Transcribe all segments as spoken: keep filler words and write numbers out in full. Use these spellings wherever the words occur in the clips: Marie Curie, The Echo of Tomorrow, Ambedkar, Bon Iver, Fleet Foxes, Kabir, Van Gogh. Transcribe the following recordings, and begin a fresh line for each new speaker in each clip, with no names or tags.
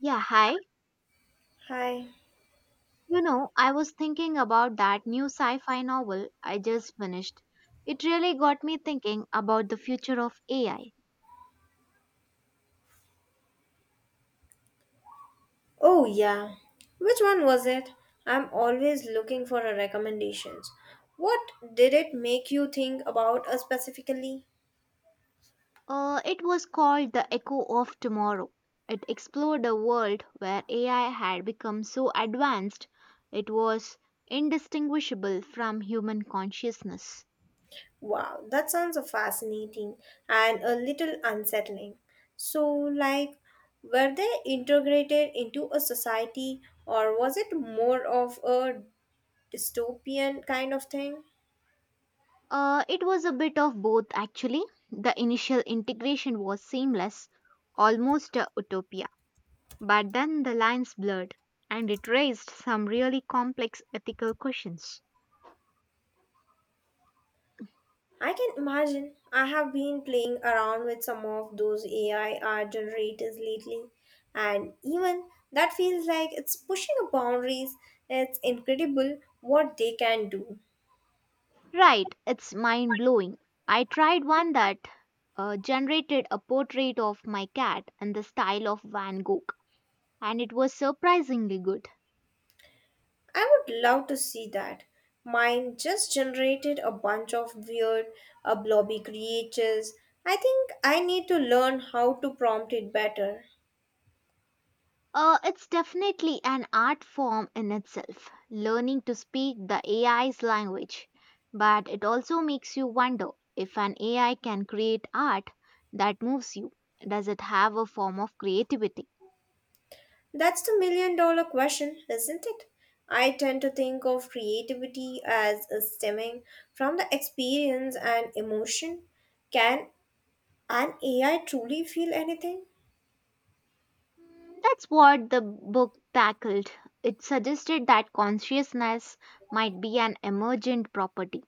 Yeah, hi.
Hi.
You know, I was thinking about that new sci fi novel I just finished. It really got me thinking about the future of A I.
Oh, yeah. Which one was it? I'm always looking for a recommendations. What did it make you think about uh, specifically?
Uh, it was called The Echo of Tomorrow. It explored a world where A I had become so advanced it was indistinguishable from human consciousness.
Wow, that sounds uh, fascinating and a little unsettling. So, like, were they integrated into a society or was it more of a dystopian kind of thing?
Uh, it was a bit of both, actually. The initial integration was seamless, almost a utopia. But then the lines blurred, and it raised some really complex ethical questions.
I can imagine. I have been playing around with some of those A I art generators lately, and even that feels like it's pushing the boundaries. It's incredible what they can do.
Right, it's mind blowing. I tried one that uh, generated a portrait of my cat in the style of Van Gogh, and it was surprisingly good.
I would love to see that. Mine just generated a bunch of weird, uh, blobby creatures. I think I need to learn how to prompt it better.
Uh, it's definitely an art form in itself, learning to speak the A I's language. But it also makes you wonder, if an A I can create art that moves you, does it have a form of creativity?
That's the million dollar question, isn't it? I tend to think of creativity as stemming from the experience and emotion. Can an A I truly feel anything?
Mm, that's what the book tackled. It suggested that consciousness might be an emergent property,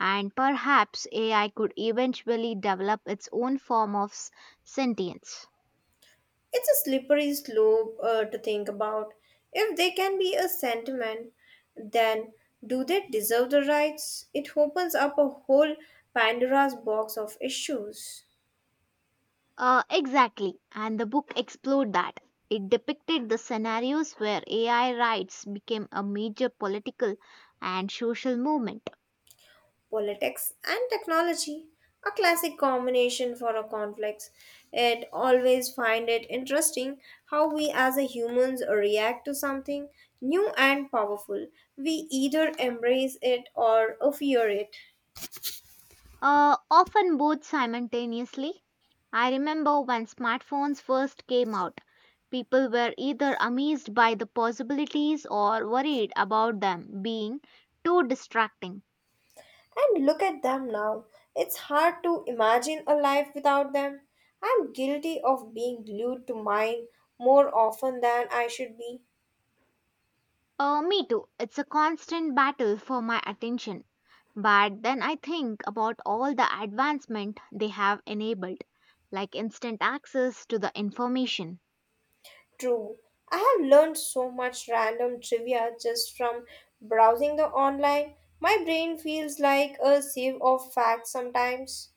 and perhaps A I could eventually develop its own form of s- sentience.
It's a slippery slope uh, to think about. If they can be a sentiment, then do they deserve the rights? It opens up a whole Pandora's box of issues.
Uh, exactly, and the book explored that. It depicted the scenarios where A I rights became a major political and social movement.
Politics and technology, a classic combination for a conflict. It always find it interesting how we as a humans react to something new and powerful. We either embrace it or fear it.
Uh, often both simultaneously. I remember when smartphones first came out, people were either amazed by the possibilities or worried about them being too distracting.
And look at them now, it's hard to imagine a life without them. I'm guilty of being glued to mine more often than I should be.
Uh, me too. It's a constant battle for my attention. But then I think about all the advancement they have enabled, like instant access to the information.
True. I have learned so much random trivia just from browsing the online. My brain feels like a sieve of facts sometimes.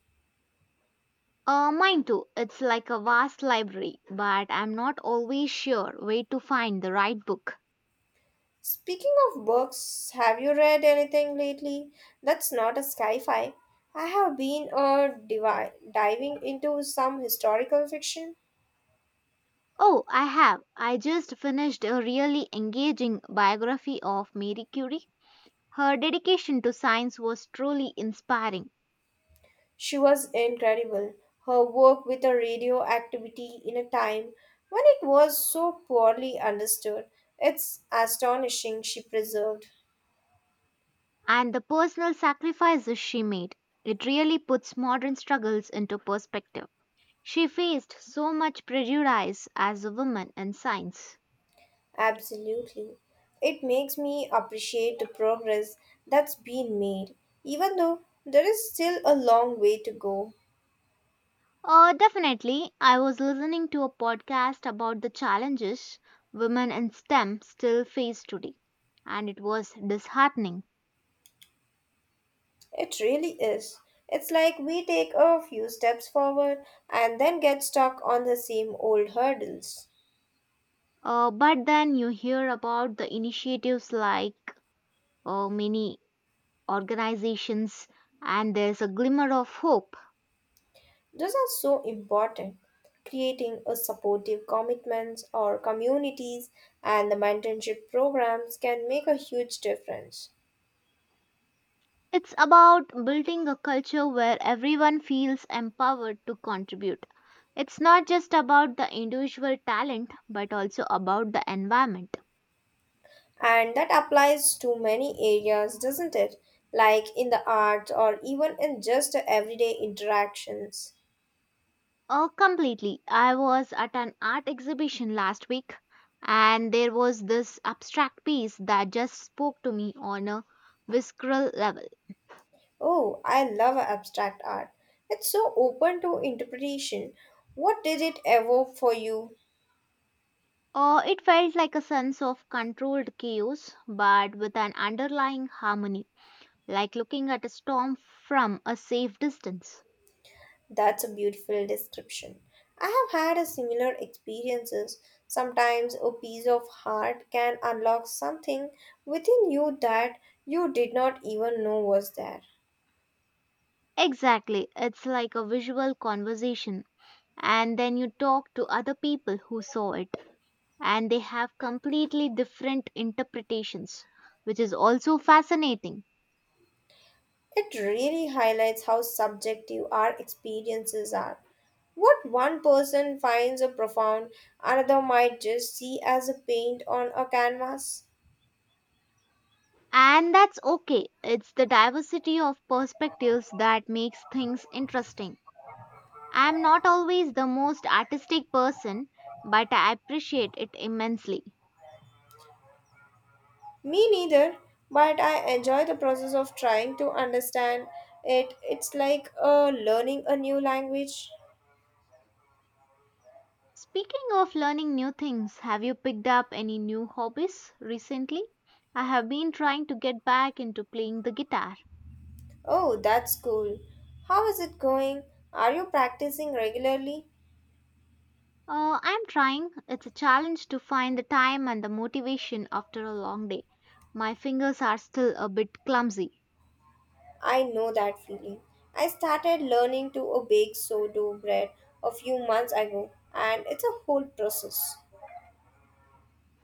Uh, mine too. It's like a vast library, but I'm not always sure where to find the right book.
Speaking of books, have you read anything lately? That's not a sci-fi. I have been uh, divi- diving into some historical fiction.
Oh, I have. I just finished a really engaging biography of Marie Curie. Her dedication to science was truly inspiring,
She was incredible. Her work with the radioactivity in a time when it was so poorly understood. It's astonishing she preserved.
and the personal sacrifices she made. It really puts modern struggles into perspective. She faced so much prejudice as a woman in science.
Absolutely. It makes me appreciate the progress that's been made, even though there is still a long way to go.
Uh, definitely. I was listening to a podcast about the challenges women in STEM still face today, and it was disheartening.
It really is. It's like we take a few steps forward and then get stuck on the same old hurdles.
Uh, but then you hear about the initiatives like uh, many organizations, and there's a glimmer of hope.
Those are so important. Creating a supportive commitments or communities and the mentorship programs can make a huge difference.
It's about building a culture where everyone feels empowered to contribute. It's not just about the individual talent, but also about the environment.
And that applies to many areas, doesn't it? Like in the arts or even in just everyday interactions.
Oh, completely. I was at an art exhibition last week and there was this abstract piece that just spoke to me on a visceral level.
Oh, I love abstract art. It's so open to interpretation. What did it evoke for you?
Oh, it felt like a sense of controlled chaos but with an underlying harmony, like looking at a storm from a safe distance.
That's a beautiful description. I have had a similar experiences. Sometimes a piece of art can unlock something within you that you did not even know was there.
Exactly. It's like a visual conversation, and then you talk to other people who saw it and they have completely different interpretations, which is also fascinating.
It really highlights how subjective our experiences are. What one person finds a profound, another might just see as a paint on a canvas.
And that's okay. It's the diversity of perspectives that makes things interesting. I'm not always the most artistic person, but I appreciate it immensely.
Me neither, but I enjoy the process of trying to understand it. It's like uh, learning a new language.
Speaking of learning new things, have you picked up any new hobbies recently? I have been trying to get back into playing the guitar.
Oh, that's cool. How is it going? Are you practicing regularly?
Uh, I'm trying. It's a challenge to find the time and the motivation after a long day. My fingers are still a bit clumsy.
I know that feeling. I started learning to uh, bake sourdough bread a few months ago, and it's a whole process.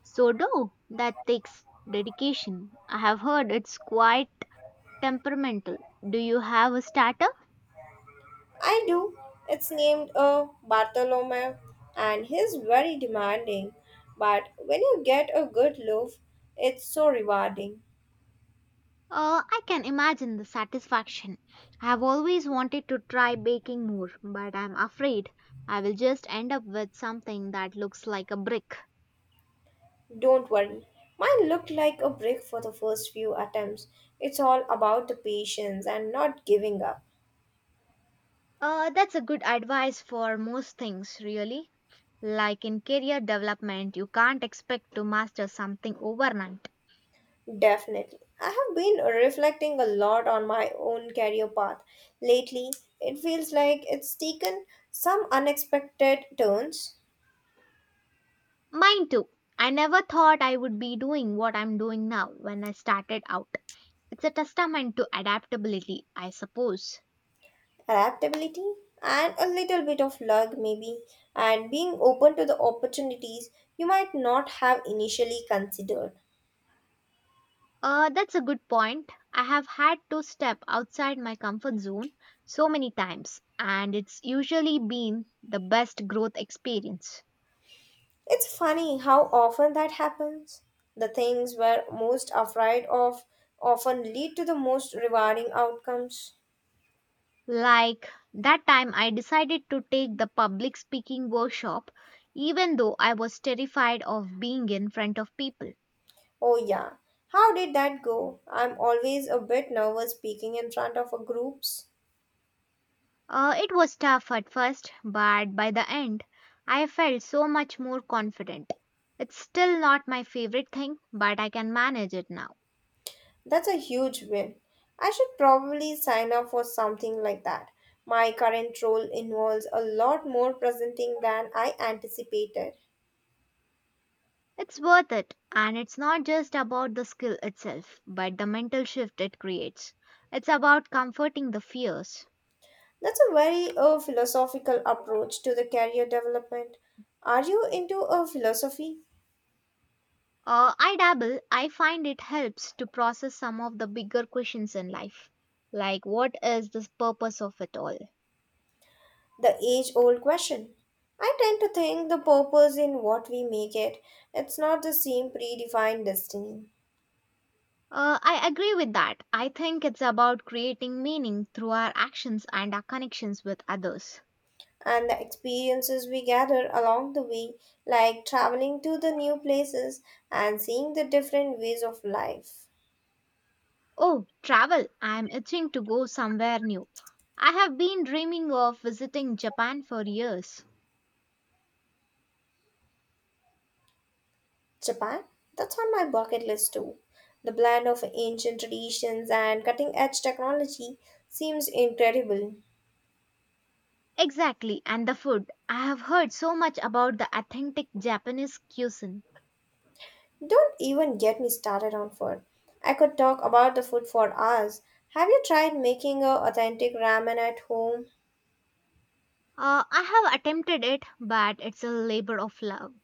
So, do that takes dedication. I have heard it's quite temperamental. Do you have a starter?
I do. It's named uh, Bartholomew, and he's very demanding. But when you get a good loaf, it's so rewarding.
Uh, I can imagine the satisfaction. I have always wanted to try baking more, but I'm afraid I will just end up with something that looks like a brick.
Don't worry. Mine looked like a brick for the first few attempts. It's all about the patience and not giving up.
Uh, that's a good advice for most things, really. Like in career development, you can't expect to master something overnight.
Definitely. I have been reflecting a lot on my own career path lately. It feels like it's taken some unexpected turns,
Mine too. I never thought I would be doing what I'm doing now when I started out. It's a testament to adaptability, I suppose.
adaptability, and a little bit of luck, maybe, and being open to the opportunities you might not have initially considered.
Uh, that's a good point. I have had to step outside my comfort zone so many times, and it's usually been the best growth experience.
It's funny how often that happens. The things we're most afraid of often lead to the most rewarding outcomes.
Like that time I decided to take the public speaking workshop even though I was terrified of being in front of people.
Oh, yeah. How did that go? I'm always a bit nervous speaking in front of a groups.
Uh, it was tough at first, but by the end, I felt so much more confident. It's still not my favorite thing, but I can manage it now.
That's a huge win. I should probably sign up for something like that. My current role involves a lot more presenting than I anticipated.
It's worth it, and it's not just about the skill itself, but the mental shift it creates. It's about comforting the fears.
That's a very uh, philosophical approach to the career development. Are you into a philosophy?
Uh, I dabble. I find it helps to process some of the bigger questions in life, like what is the purpose of it all?
The age old question. I tend to think the purpose in what we make it. It's not the same predefined destiny.
Uh, I agree with that. I think it's about creating meaning through our actions and our connections with others.
And the experiences we gather along the way, like traveling to the new places and seeing the different ways of life.
Oh, travel. I'm itching to go somewhere new. I have been dreaming of visiting Japan for years.
Japan, that's on my bucket list too. The blend of ancient traditions and cutting edge technology seems incredible.
Exactly, and the food. I have heard so much about the authentic Japanese cuisine.
Don't even get me started on food. I could talk about the food for hours. Have you tried making a authentic ramen at home?
Uh, I have attempted it, but it's a labor of love.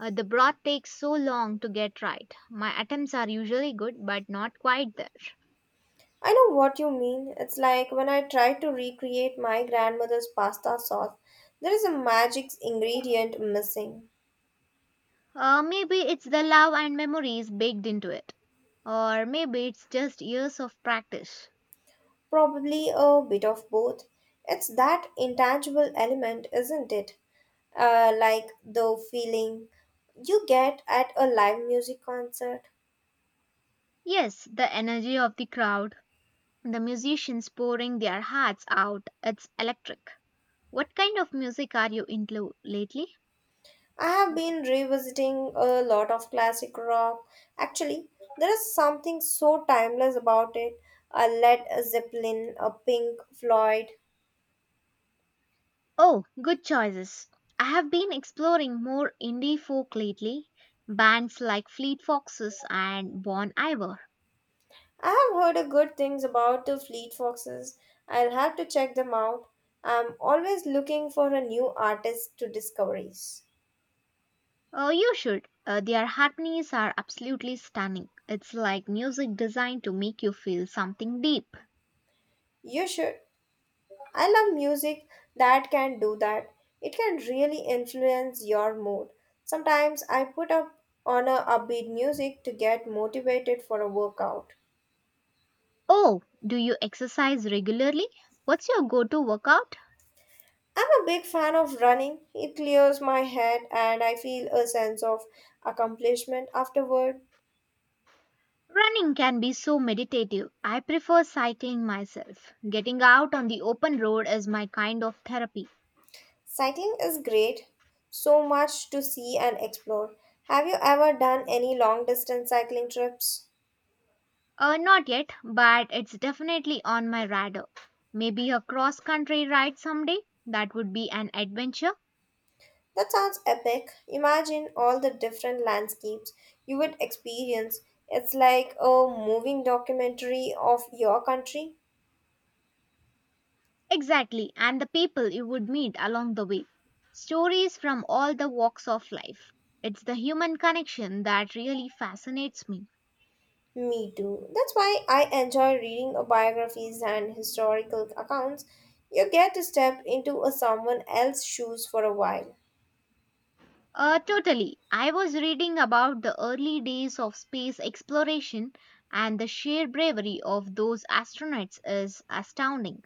Uh, the broth takes so long to get right. My attempts are usually good, but not quite there.
I know what you mean. It's like when I try to recreate my grandmother's pasta sauce, there is a magic ingredient missing.
Uh, maybe it's the love and memories baked into it. Or maybe it's just years of practice.
Probably a bit of both. It's that intangible element, isn't it? Uh, like the feeling you get at a live music concert.
Yes, the energy of the crowd, the musicians pouring their hearts out, it's electric. What kind of music are you into lately?
I have been revisiting a lot of classic rock. Actually, there is something so timeless about it. A Led Zeppelin, a Pink Floyd.
Oh, good choices. I have been exploring more indie folk lately, bands like Fleet Foxes and Bon Iver.
I have heard a good things about the Fleet Foxes. I'll have to check them out. I'm always looking for a new artist to discoveries.
Oh, you should. Uh, their harmonies are absolutely stunning. It's like music designed to make you feel something deep.
You should. I love music that can do that. It can really influence your mood. Sometimes I put up on a upbeat music to get motivated for a workout.
Oh, do you exercise regularly? What's your go to workout?
I'm a big fan of running. It clears my head and I feel a sense of accomplishment afterward.
Running can be so meditative. I prefer cycling myself. Getting out on the open road is my kind of therapy.
Cycling is great, so much to see and explore. Have you ever done any long distance cycling trips?
Uh, not yet, but it's definitely on my radar. Maybe a cross country ride someday. That would be an adventure.
That sounds epic. Imagine all the different landscapes you would experience. It's like a moving documentary of your country.
Exactly, and the people you would meet along the way. Stories from all the walks of life. It's the human connection that really fascinates me.
Me too. That's why I enjoy reading biographies and historical accounts. You get to step into a someone else's shoes for a while.
Uh, totally. I was reading about the early days of space exploration, and the sheer bravery of those astronauts is astounding.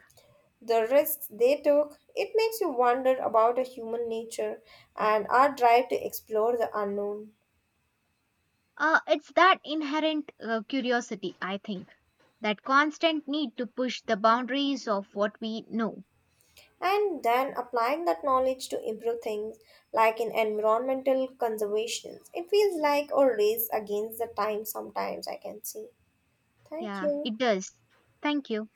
The risks they took, it makes you wonder about a human nature and our drive to explore the unknown.
Uh, it's that inherent uh, curiosity, I think, that constant need to push the boundaries of what we know.
And then applying that knowledge to improve things like in environmental conservation, it feels like a race against the time sometimes, I can see. Thank
Yeah,
you.
it does. Thank you.